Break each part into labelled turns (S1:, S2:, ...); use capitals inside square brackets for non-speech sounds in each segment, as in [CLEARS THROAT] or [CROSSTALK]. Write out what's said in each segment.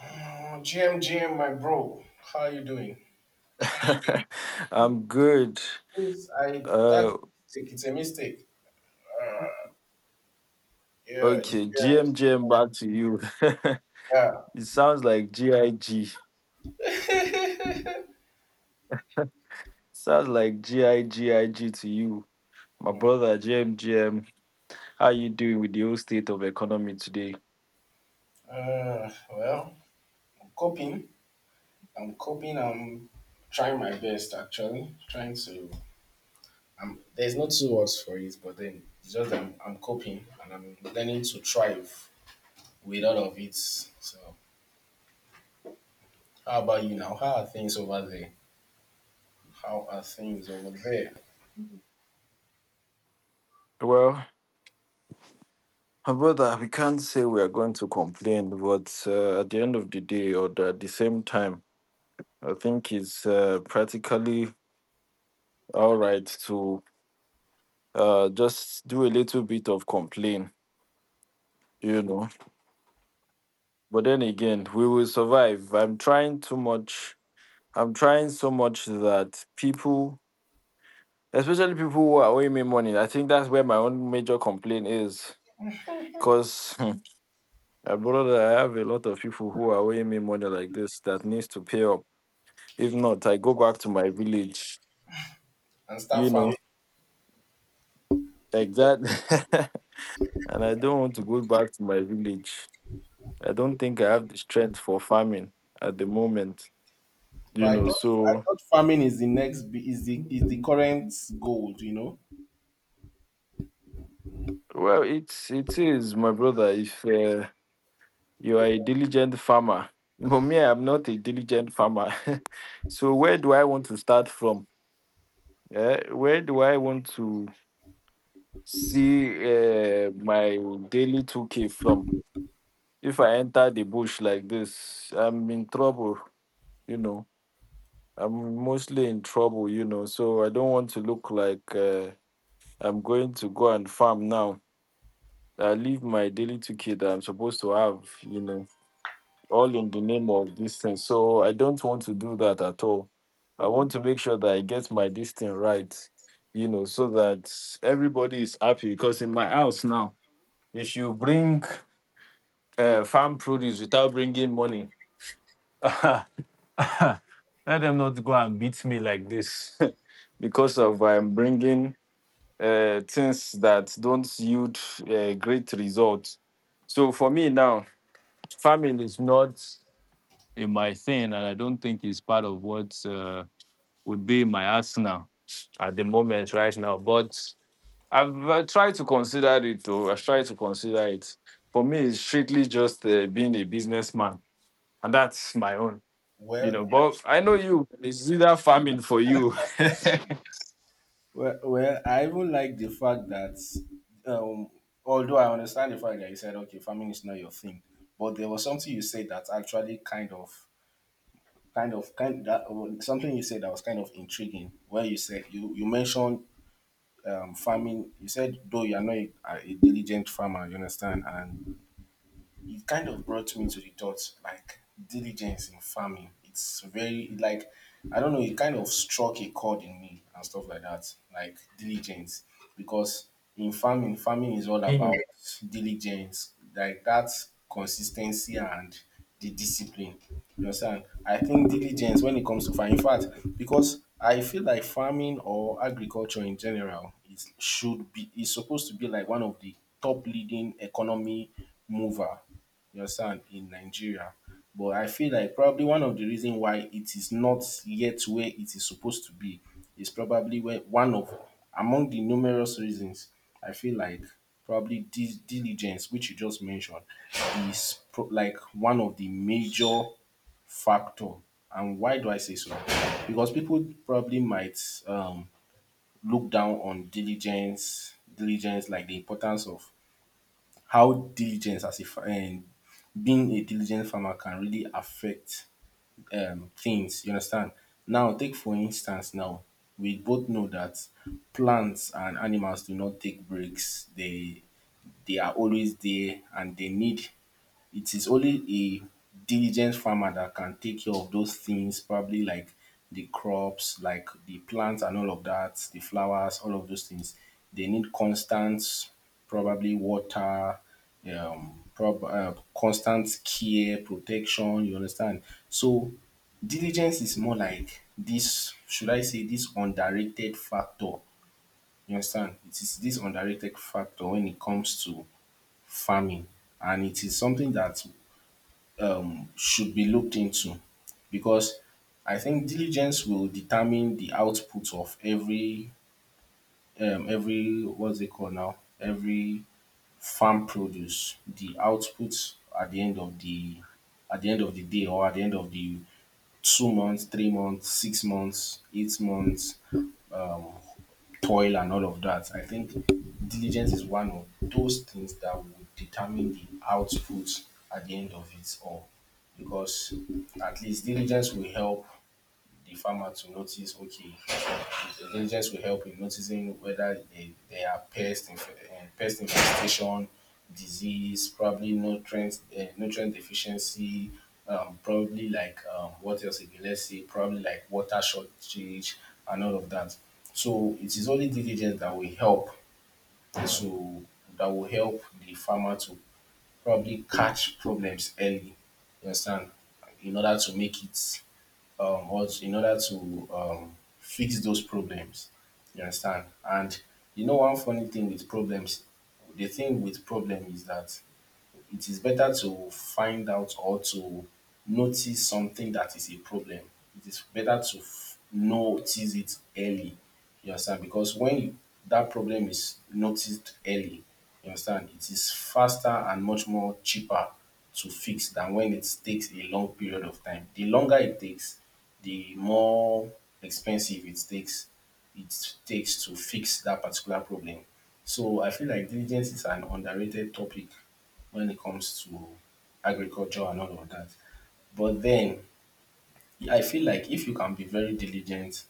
S1: GM, my bro, how are you doing?
S2: [LAUGHS] I'm good.
S1: Please, I that's
S2: Uh,
S1: mistake. It's a mistake. Uh, yeah,
S2: okay,
S1: GM,
S2: GM, GM, back to you. [LAUGHS]
S1: yeah.
S2: It sounds like GIG. Sounds like GIGIG to you. My
S1: Mm.
S2: brother, GM, GM, how you doing with the whole state of economy today?
S1: Uh, well, I'm coping. I'm coping. I'm trying my best, actually. Trying to. There's no two words for it, but then it's just I'm coping and I'm learning to thrive with all of it. So, how about you now? How are things over there?
S2: Well, my brother, we can't say we are going to complain, but at the end of the day, at the same time, I think it's practically all right to just do a little bit of complain. You know But then again, we will survive. I'm trying too much. I'm trying so much that people, especially people who are owing me money, I think that's where my own major complaint is. Because [LAUGHS] I brother, I have a lot of people who are owing me money like this that needs to pay up. If not, I go back to my village,
S1: And start
S2: you know,
S1: farming.
S2: like that. [LAUGHS] And I don't want to go back to my village. I don't think I have the strength for farming at the moment, you
S1: But
S2: know.
S1: I
S2: So,
S1: thought farming is the is the is the current gold, you know.
S2: well, it is my brother. If you are a diligent farmer, [LAUGHS] but me, I'm not a diligent farmer. [LAUGHS] So where do I want to start from? Where do I want to see my daily two k from? If I enter the bush like this, I'm in trouble. You know, I'm mostly in trouble. You know, so I don't want to look like I'm going to go and farm now. I leave my daily two k that I'm supposed to have, all in the name of this thing. So I don't want to do that at all. I want to make sure that I get my this thing right, you know, so that everybody is happy. Because in my house now, if you bring farm produce without bringing money, [LAUGHS] let them not go and beat me like this [LAUGHS] because of I'm bringing things that don't yield great results. So for me now, farming is not in my thing, and I don't think it's part of what would be in my arsenal at the moment right now. But I've tried to consider it, though. I've tried to consider it. For me, it's strictly just being a businessman, and that's my own, you
S1: Well,
S2: know. But I
S1: actually,
S2: know you, it's either farming for you. [LAUGHS]
S1: I even like the fact that um, although I understand the fact that you said okay, farming is not your thing, but there was something you said that actually kind of kind of kind that something you said that was kind of intriguing. Where you said you mentioned farming, you said though you are not a diligent farmer, you understand, and it kind of brought me to the thought like diligence in farming. It's very like I don't know. It kind of struck a chord in me and stuff like that. Like diligence, because in farming, farming is all about
S2: Mhm.
S1: diligence, like that consistency and the discipline. You understand? I think diligence when it comes to farming. In fact, because I feel like farming or agriculture in general is should be is supposed to be like one of the top leading economy mover. You understand, in Nigeria. But I feel like probably one of the reason why it is not yet where it is supposed to be is probably where one of among the numerous reasons, I feel like probably diligence, which you just mentioned, like one of the major factor. And why do I say so? Because people probably might um, look down on diligence, like the importance of how diligence as if and being a diligent farmer can really affect things. You understand? Now, take for instance, now we both know that plants and animals do not take breaks. They are always there and they need it is only a diligent farmer that can take care of those things, probably like the crops, like the plants and all of that, the flowers, all of those things. They need constant, probably water, constant care, protection. You understand? So diligence is more like this. Should I say this underrated factor? You understand? It is this underrated factor when it comes to farming, and it is something that should be looked into, because I think diligence will determine the output of every what's it called now, every farm produce, the output at the end of the at the end of the day, or at the end of the 2 months, 3 months, 6 months, 8 months, um, toil and all of that. I think diligence is one of those things that will determine the output at the end of it all. Because at least diligence will help the farmer to notice, okay, intelligence will help in noticing whether they are pest, pest infestation, disease, probably nutrient deficiency, probably like what else again? Let's say probably like water shortage and all of that. So it is only diligence that will help to that will help the farmer to probably catch problems early. You understand? In order to make it us in order to fix those problems. You understand? And you know, one funny thing with problems, the thing with problem is that it is better to find out or to notice something that is a problem. It is better to notice it early. You understand? Because that problem is noticed early, you understand, it is faster and much more cheaper to fix than when it takes a long period of time. The longer it takes, the more expensive it takes to fix that particular problem. So I feel like diligence is an underrated topic when it comes to agriculture and all of that. But then I feel like if you can be very diligent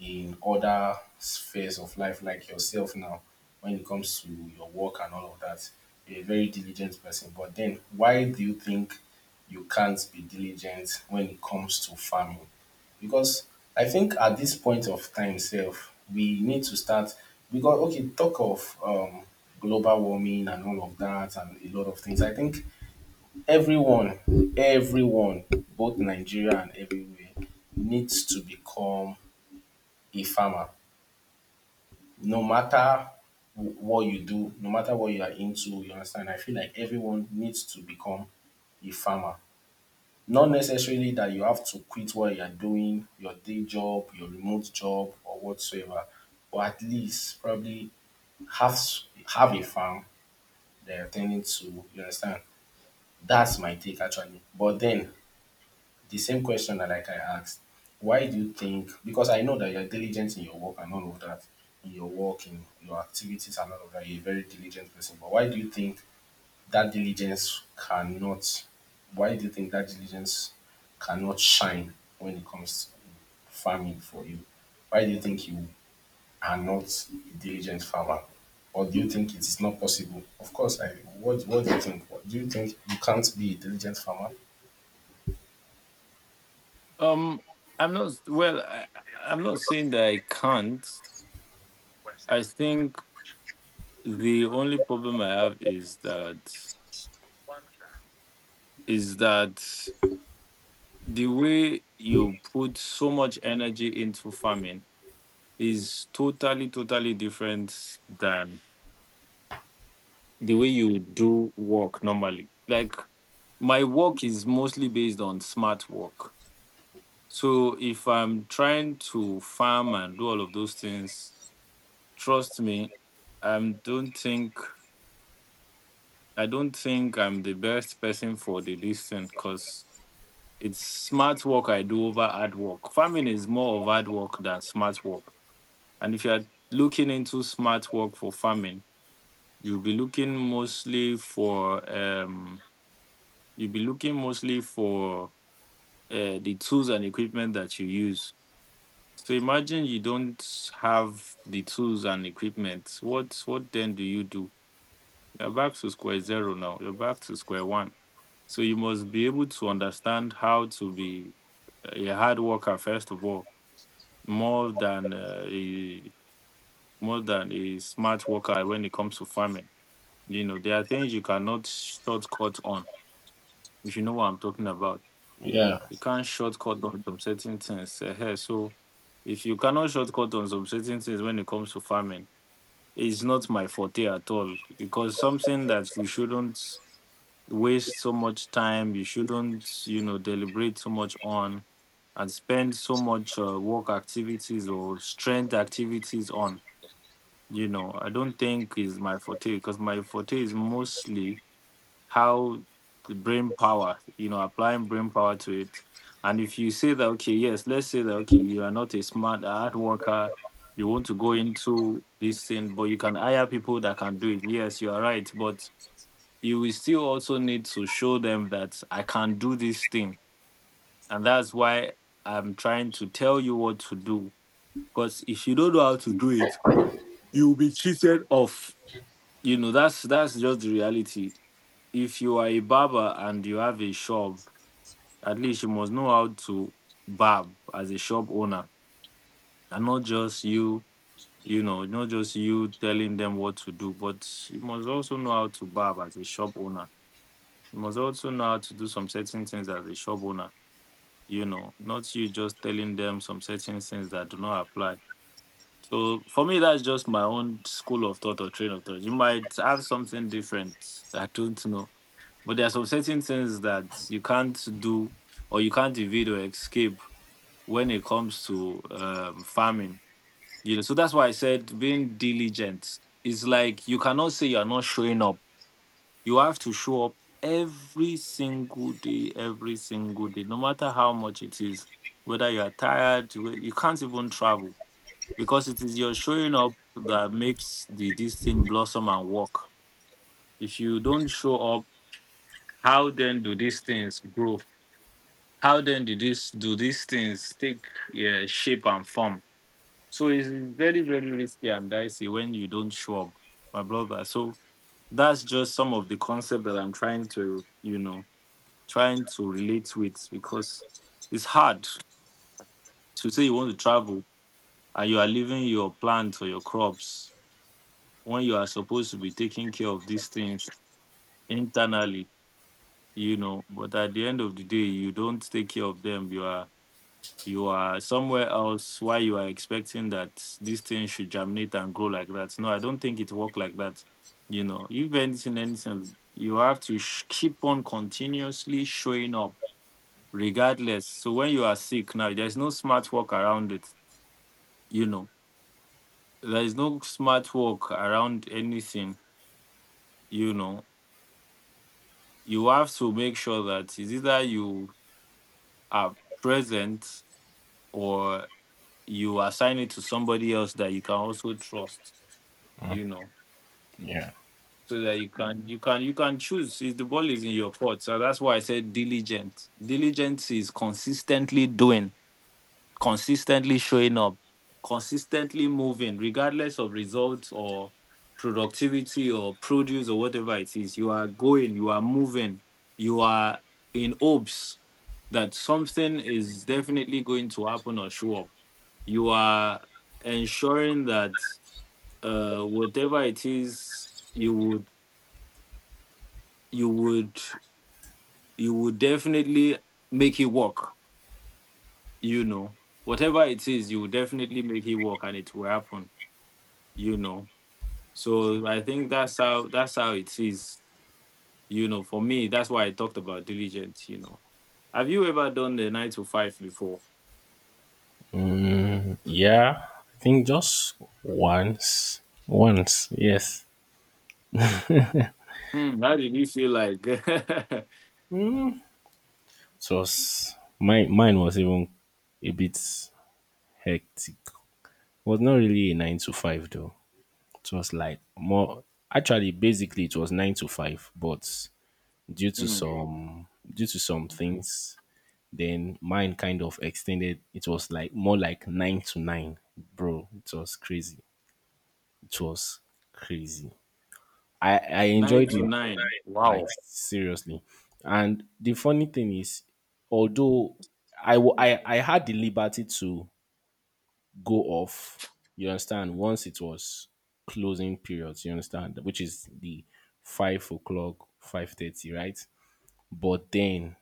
S1: in other spheres of life, like yourself now, when it comes to your work and all of that, you're a very diligent person. But then why do you think you can't be diligent when it comes to farming? Because I think at this point of time self, we need to start because okay, talk of global warming and all of that and a lot of things. I think everyone everyone, both Nigeria and everywhere, needs to become a farmer, no matter what you do, no matter what you are into, you understand. I feel like everyone needs to become a farmer, not necessarily that you have to quit what you are doing, your day job, your remote job or whatsoever, but at least probably have s- have a farm that you are ten ding to, you understand. That's my take, actually. But then the same question that like I asked, why do you think, because I know that you're diligent in your work and all of that, in your work, in your activities and all of that, you're a very diligent person. But why do you think that diligence cannot why do you think that diligence cannot shine when it comes to farming for you? Why do you think you are not a diligent farmer? Or do you think it is not possible? Of course, I what do you think? Do you think you can't be a diligent farmer?
S2: um, I'm not, well, I'm not saying that I can't. I think the only problem I have is that is that the way you put so much energy into farming is totally, totally different than the way you do work normally. Like my work is mostly based on smart work. So if I'm trying to farm and do all of those things, trust me, I don't think I don't think I'm the best person for the listing because it's smart work I do over hard work. Farming is more of hard work than smart work. And if you're looking into smart work for farming, You'll be looking mostly for um, you'll be looking mostly for the tools and equipment that you use. So imagine you don't have the tools and equipment. What then do you do? You're back to square zero now. You're back to square one. So you must be able to understand how to be a hard worker first of all, more than uh, a more than a smart worker when it comes to farming. You know there are things you cannot shortcut on if you know what I'm talking about.
S1: Yeah,
S2: You can't shortcut on some certain things. Eh. So if you cannot shortcut on some certain things when it comes to farming, it's not my forte at all. Because something that you shouldn't waste so much time, you shouldn't, you know, deliberate so much on and spend so much work activities or strength activities on. You know, I don't think is my forte because my forte is mostly how the brain power, you know, applying brain power to it. And if you say that, okay, yes, let's say that, okay, you are not a smart hard worker, you want to go into this thing, but you can hire people that can do it. Yes, you are right. But you will still also need to show them that I can do this thing. And that's why I'm trying to tell you what to do. Because if you don't know how to do it, you'll be cheated off. That's just the reality if you are a barber and you have a shop. At least you must know how to barb as a shop owner, and not just you, you know, not just you telling them what to do, but you must also know how to barb as a shop owner. You must also know how to do some certain things as a shop owner, you know, not you just telling them some certain things that do not apply. So for me, that's just my own school of thought or train of thought. You might have something different. I don't know. But there are some certain things that you can't do or you can't evade or escape when it comes to farming. You know, so that's why I said being diligent is like you cannot say you are not showing up. You have to show up every single day, no matter how much it is. Whether you are tired, you can't even travel because it is your showing up that makes the this thing blossom and work. If you don't show up, how then do these things grow? How then do these things take, yeah, shape and form? So it's very, very risky and dicey when you don't show up, my brother. So that's just some of the concept that I'm trying to, you know, trying to relate with because it's hard to say you want to travel and you are leaving your plants or your crops when you are supposed to be taking care of these things internally. But at the end of the day, you don't take care of them. You are somewhere else why you are expecting that this thing should germinate and grow like that. No, I don't think it work like that. If anything, anything, you have to keep on continuously showing up regardless. So when you are sick now, there's no smart work around it. You know, there is no smart work around anything. You know, you have to make sure that it's either you are present or you assign it to somebody else that you can also trust, you know.
S1: yeah.
S2: So that you can choose if the ball is in your court. So that's why I said diligent. Diligence is consistently doing, consistently showing up, consistently moving, regardless of results or productivity or produce or whatever it is. You are going, you are moving, you are in hopes that something is definitely going to happen or show up. You are ensuring that whatever it is, you would you would you would definitely make it work. You know whatever it is, you will definitely make it work, and it will happen. you know I think that's how it is. You know for me, that's why I talked about diligence. You know have you ever done the 9 to 5 before?
S1: Yeah, I think just once. Once, yes.
S2: Hmm, how did you feel like? [LAUGHS]
S1: It was my mine was even a bit hectic. Was not really a 9 to 5 though. It was like more, actually basically it was 9 to 5, but
S2: Hmm,
S1: due to some things, then mine kind of extended, it was like more like 9 to 9. Bro, it was crazy. It was crazy. I
S2: 9
S1: enjoyed
S2: to
S1: it
S2: 9,
S1: like
S2: wow.
S1: seriously. And the funny thing is, although I wa- I had the liberty to go off, you understand, once it was closing periods, you understand, which is the 5 o'clock, 5:30, right? But then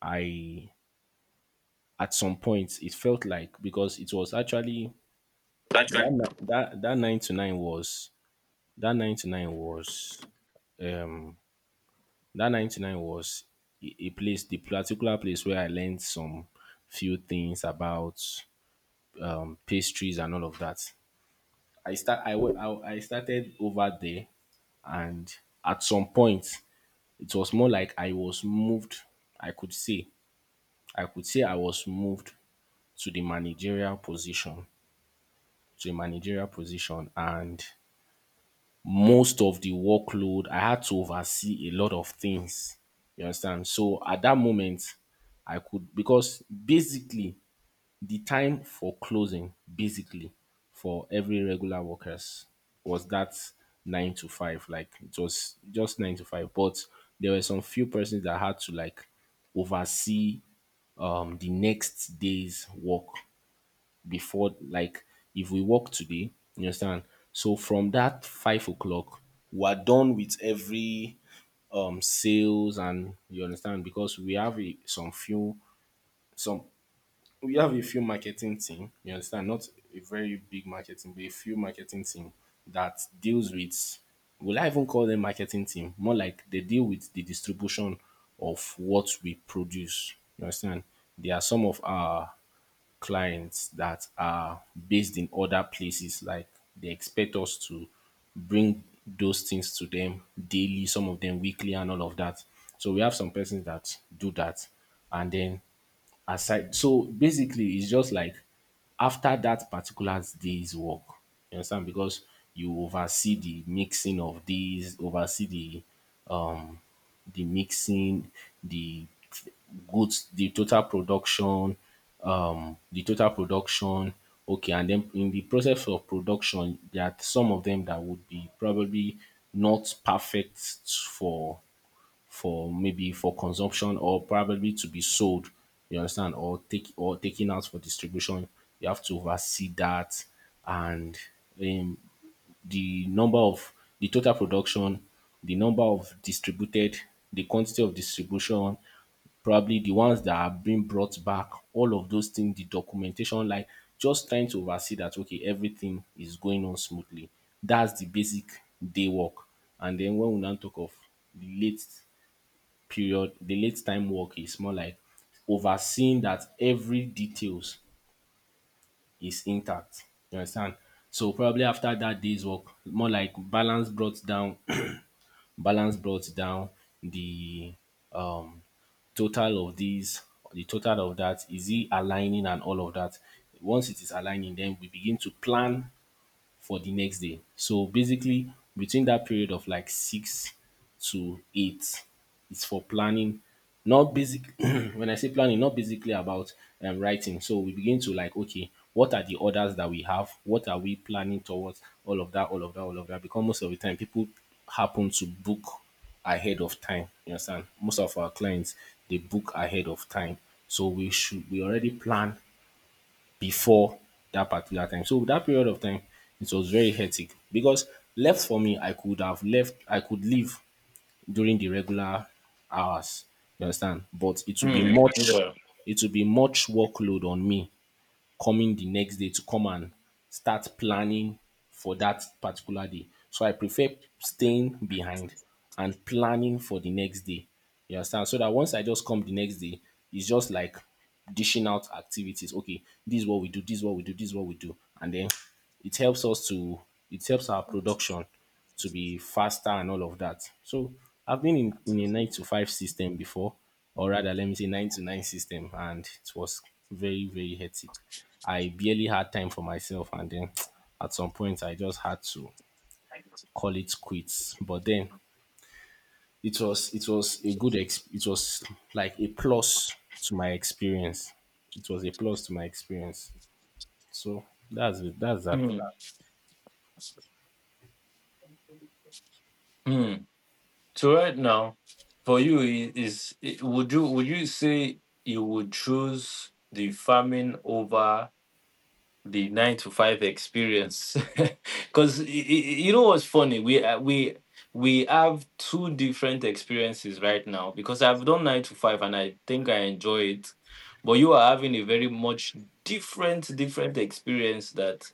S1: I at some point it felt like, because it was actually
S2: That's right.
S1: that ni- that that 9 to 9 was that nine to nine was um that 99 was a place, the particular place where I learned some few things about pastries and all of that. I start I, went, I started over there, and at some point it was more like i could say I could say I was moved to the managerial position to a managerial position, and most of the workload, I had to oversee a lot of things. You understand? So at that moment, I could because basically the time for closing, basically for every regular workers, was that 9 to 5. Like it was just 9 to 5. But there were some few persons that had to like oversee the next day's work before, like if we work today, you understand? So from that 5 o'clock, we're done with every sales, and you understand, because we have a, some few some we have a few marketing team, you understand, not a very big marketing, but a few marketing team that deals with, will I even call them marketing team? More like they deal with the distribution of what we produce. You understand? They are some of our clients that are based in other places. Like they expect us to bring those things to them daily, some of them weekly, and all of that. So we have some persons that do that. And then aside, so basically, it's just like after that particular day's work, you understand? Because you oversee the mixing of these, oversee um the mixing, the goods, the total production, the total production. Okay, and then in the process of production, there are some of them that would be probably not perfect for for maybe for consumption or probably to be sold. You understand, or taken out for distribution. You have to oversee that, and um the number of the total production, the number of distributed, the quantity of distribution, probably the ones that are being brought back, all of those things, the documentation, like just trying to oversee that okay, everything is going on smoothly. That's the basic day work. And then when we now talk of the late period, the late time work is more like overseeing that every details is intact. You understand? So probably after that day's work, more like balance brought down [CLEARS THROAT] balance brought down the um total of these the total of that, is it aligning and all of that. Once it is aligning, then we begin to plan for the next day. So basically, between that period of like 6 to 8, it's for planning. Not basic. [CLEARS THROAT] When I say planning, not basically about writing. So we begin to, like, okay, what are the orders that we have? What are we planning towards? All of that, all of that, all of that. Because most of the time, people happen to book ahead of time. You understand? Most of our clients, they book ahead of time, so we already plan before that particular time. So that period of time, it was very hectic because left for me, I could have left, I could leave during the regular hours. You understand? But it would be
S2: Hmm,
S1: much,
S2: yeah.
S1: it would be much workload on me coming the next day to come and start planning for that particular day. So I prefer staying behind and planning for the next day. You understand? So that once I just come the next day, it's just like dishing out activities. Okay, this is what we do, this is what we do, this is what we do. And then it helps us to it helps our production to be faster and all of that. So I've been in a 9 to 5 system before, or rather, let me say 9 to 9 system, and it was very, very hectic. I barely had time for myself, and then [TSK] at some point, I just had to call it quits. But then it was a good it was like a plus to my experience. It was a plus to my experience. So that's it. That's that.
S2: Hmm. Hmm. So right now, for you I- is I- would you say you would choose the farming over the nine to five experience? [LAUGHS] Because you know what's funny, we have two different experiences right now. Because I've done nine to five and I think I enjoy it, but you are having a very much different experience that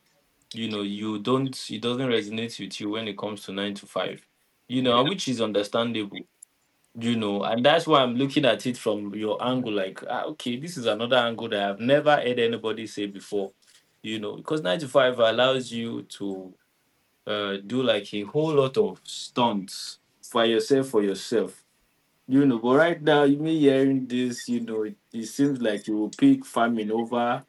S2: you know you don't it doesn't resonate with you when it comes to nine to five. You
S1: Yeah.
S2: know, which is understandable. You know and that's why I'm looking at it from your angle like, okay, this is another angle that I've never heard anybody say before, you know because 95 allows you to do like a whole lot of stunts for yourself, for yourself. You know but right now, you me hearing this, you know it seems like you will pick farming over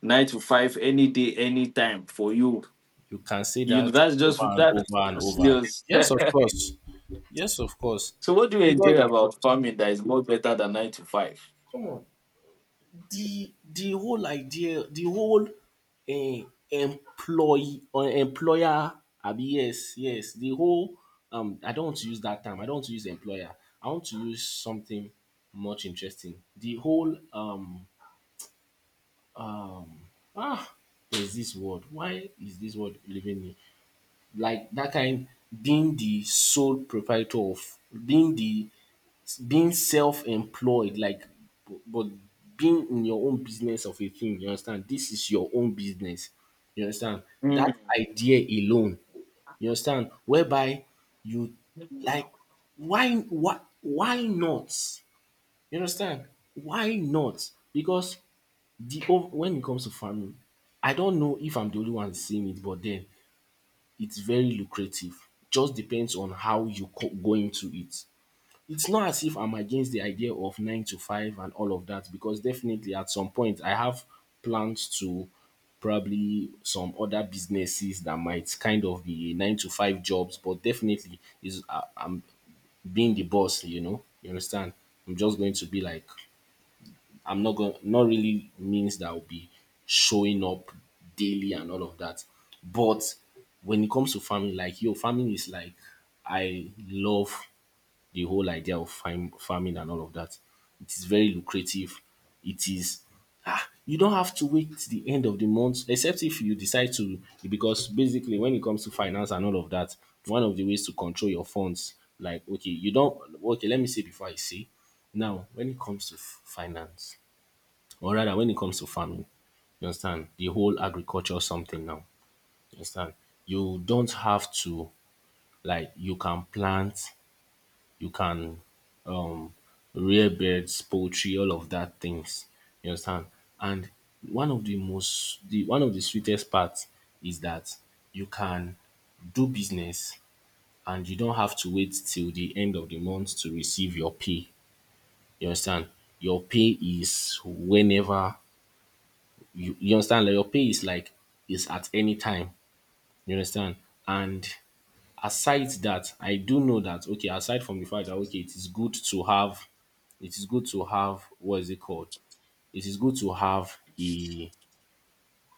S2: 9 to 5 any day, anytime for you.
S1: You can say
S2: You know
S1: that
S2: that's just
S1: over and over and over.
S2: yours.
S1: Yes, of course. Yes, of course.
S2: [LAUGHS] So what do you
S1: Because
S2: enjoy about farming that is more better than 9 to 5?
S1: come on, the whole idea, the whole employee or employer, abi, yes, yes, the whole I don't want to use that term. I don't want to use employer. I want to use something much interesting. The whole ah, there's this word. Why is this word leaving me? Like that kind, being the sole proprietor of, being the, being self-employed, like, but being in your own business of a thing, you understand, this is your own business, you understand, that
S2: Hmm.
S1: idea alone, you understand, whereby you,
S2: Hmm.
S1: like, why not, you understand, why not, because when it comes to farming, I don't know if I'm the only one seeing it, but then it's very lucrative. Just depends on how you go into it. It's not as if I'm against the idea of 9 to 5 and all of that, because definitely at some point I have plans to probably some other businesses that might kind of be 9 to 5 jobs, but definitely is I'm being the boss, you know. You understand? I'm just going to be like I'm not going not really means that I'll be showing up daily and all of that. But when it comes to farming, like, yo, farming is like I love the whole idea of farming and all of that. It is very lucrative. It is, ah, you don't have to wait till the end of the month, except if you decide to, because basically when it comes to finance and all of that, one of the ways to control your funds, like, okay, you don't, okay. Let me say before I say, now when it comes to finance, or rather when it comes to farming, you understand, the whole agriculture something now, you understand, you don't have to, like, you can plant, you can um rear birds, poultry, all of that things. You understand? And one of the sweetest parts is that you can do business and you don't have to wait till the end of the month to receive your pay. You understand? Your pay is whenever you understand, like your pay is like is at any time, you understand. And aside that, I do know that okay, aside from the fact that okay, it is good to have, it is good to have, what is it called, it is good to have a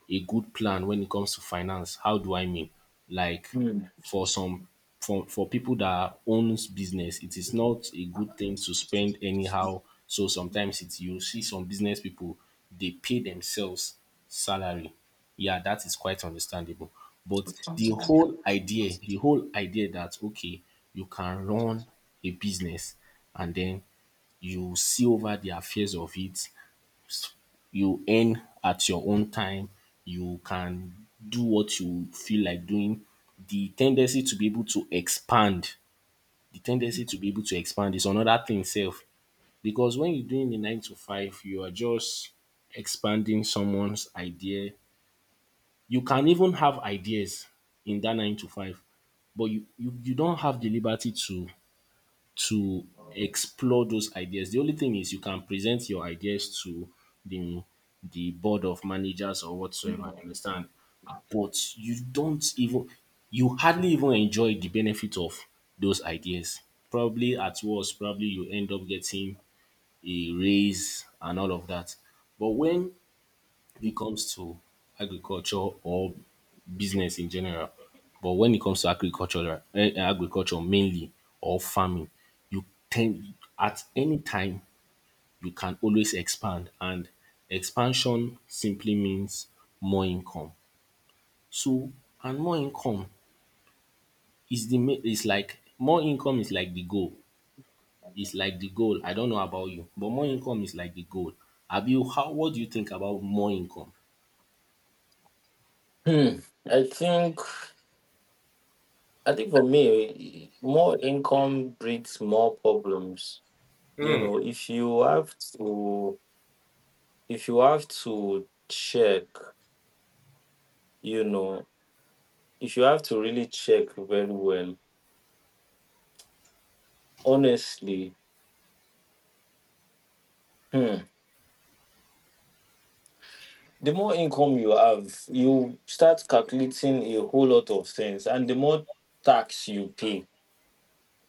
S1: a good plan when it comes to finance. How do I mean? Like,
S2: Hmm.
S1: for some, for people that owns business, it is not a good thing to spend anyhow. So sometimes it's, you see some business people, they pay themselves salary. Yeah, that is quite understandable. But the whole idea that okay, you can run a business and then you see over the affairs of it, you earn at your own time, you can do what you feel like doing. The tendency to be able to expand, the tendency to be able to expand is another thing sef, because when you're doing the 9 to 5, you are just expanding someone's idea. You can even have ideas in that 9 to 5, but you don't have the liberty to explore those ideas. The only thing is you can present your ideas to the the board of managers or whatsoever, you understand? But you don't even you hardly even enjoy the benefit of those ideas. Probably at worst, probably you end up getting a raise and all of that. But when it comes to agriculture or business in general. But when it comes to agriculture, right, agriculture mainly or farming, you tend at any time you can always expand, and expansion simply means more income. So and more income is the main is like more income is like the goal. It's like the goal. I don't know about you, but more income is like the goal. Have you how what do you think about more income?
S2: I think I think for me, more income breeds more problems. You know, if you have to check, you know, if you have to really check very well, honestly, hmm, the more income you have, you start calculating a whole lot of things, and the more tax you pay.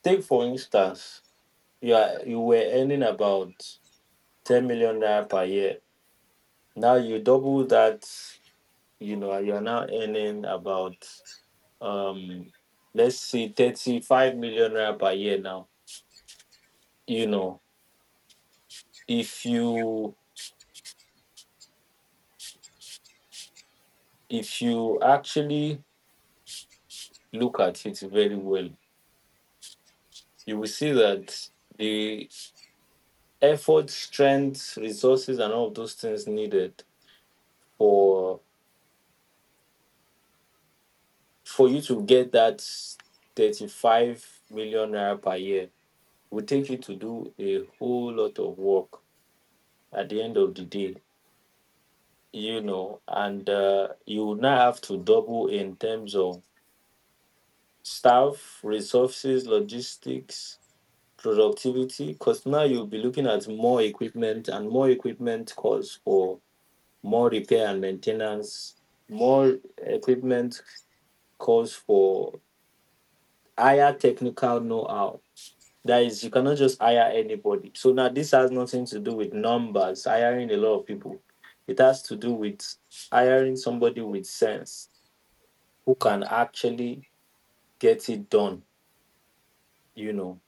S2: Take for instance, you were earning about 10 million naira per year. Now you double that, you know, you are now earning about um let's say 35 million naira per year now. You know, if you if you actually look at it very well, you will see that the effort, strength, resources and all of those things needed for for you to get that 35 million naira per year will take you to do a whole lot of work at the end of the day, you know, and you would not have to double in terms of staff, resources, logistics, productivity, because now you'll be looking at more equipment, and more equipment calls for more repair and maintenance, more equipment calls for higher technical know how. That is, you cannot just hire anybody. So now this has nothing to do with numbers, hiring a lot of people. It has to do with hiring somebody with sense who can actually get it done, you know.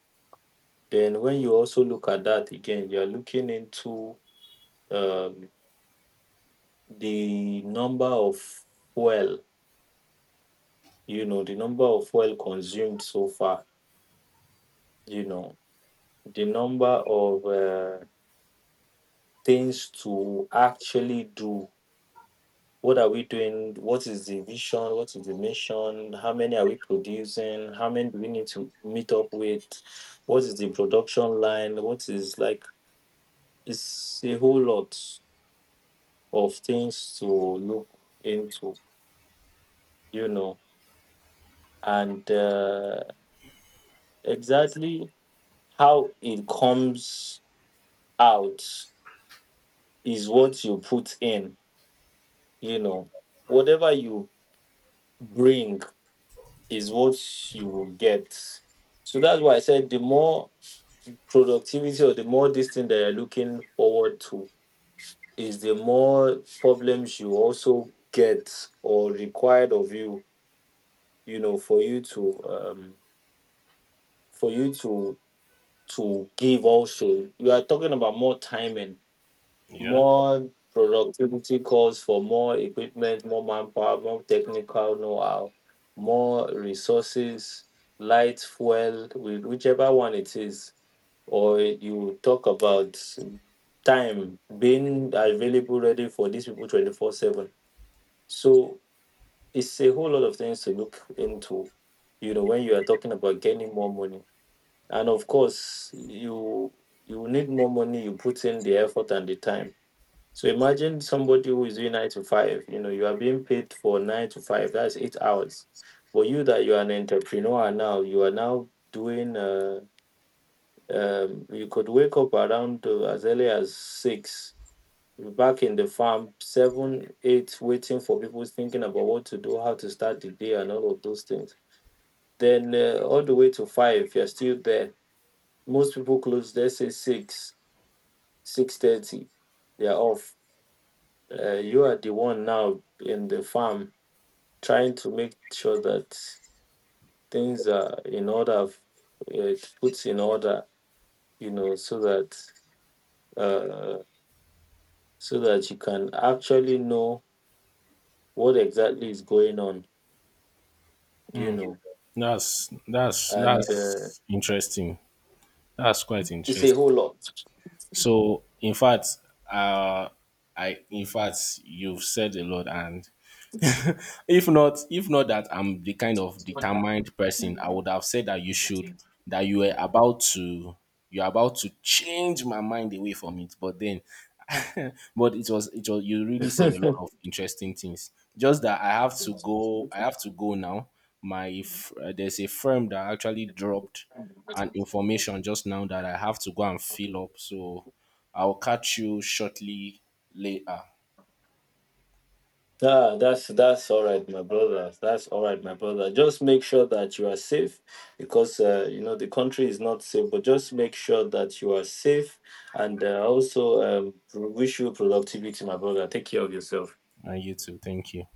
S2: Then when you also look at that again, you're looking into um, the number of, well, you know, the number of well consumed so far, you know, the number of things to actually do. What are we doing? What is the vision? What is the mission? How many are we producing? How many do we need to meet up with? What is the production line? What is, like, it's a whole lot of things to look into, you know, and exactly how it comes out is what you put in, you know. Whatever you bring is what you will get. So that's why I said the more productivity, or the more this thing that you're looking forward to, is the more problems you also get, or required of you, you know, for you to for you to give. Also, you are talking about more timing,
S1: Yeah.
S2: more productivity calls for more equipment, more manpower, more technical know-how, more resources, light, fuel, with whichever one it is, or you talk about time being available, ready for these people 24/7. So it's a whole lot of things to look into, you know, when you are talking about getting more money. And of course, you need more money, you put in the effort and the time. So imagine somebody who is doing 9 to 5. You know, you are being paid for 9 to 5, that's 8 hours. But you, that you are an entrepreneur, now you are now doing, you could wake up around as early as six. You're back in the farm, seven, eight, waiting for people, thinking about what to do, how to start the day, and all of those things. Then all the way to five, you're still there. Most people close, let's say six, 6:30. They're off. You are the one now in the farm, trying to make sure that things are in order, uh, put in order, you know, so that uh, so that you can actually know what exactly is going on, you know,
S1: That's that's
S2: and
S1: that's interesting. That's quite
S2: it's a
S1: interesting.
S2: whole lot.
S1: So, in fact, uh, I in fact you've said a lot, and if not that I'm the kind of determined person, I would have said that you should that you were about to you're about to change my mind away from it, but then [LAUGHS] but it was you really said a lot of
S2: [LAUGHS]
S1: interesting things. Just that I have to go, I have to go now. There's a firm that actually dropped an information just now that I have to go and fill up. So I'll catch you shortly, later.
S2: Ah, that's all right, my brother. That's all right, my brother. Just make sure that you are safe, because you know the country is not safe. But just make sure that you are safe, and also wish you productivity, my brother. Take care of yourself.
S1: And you too. Thank you.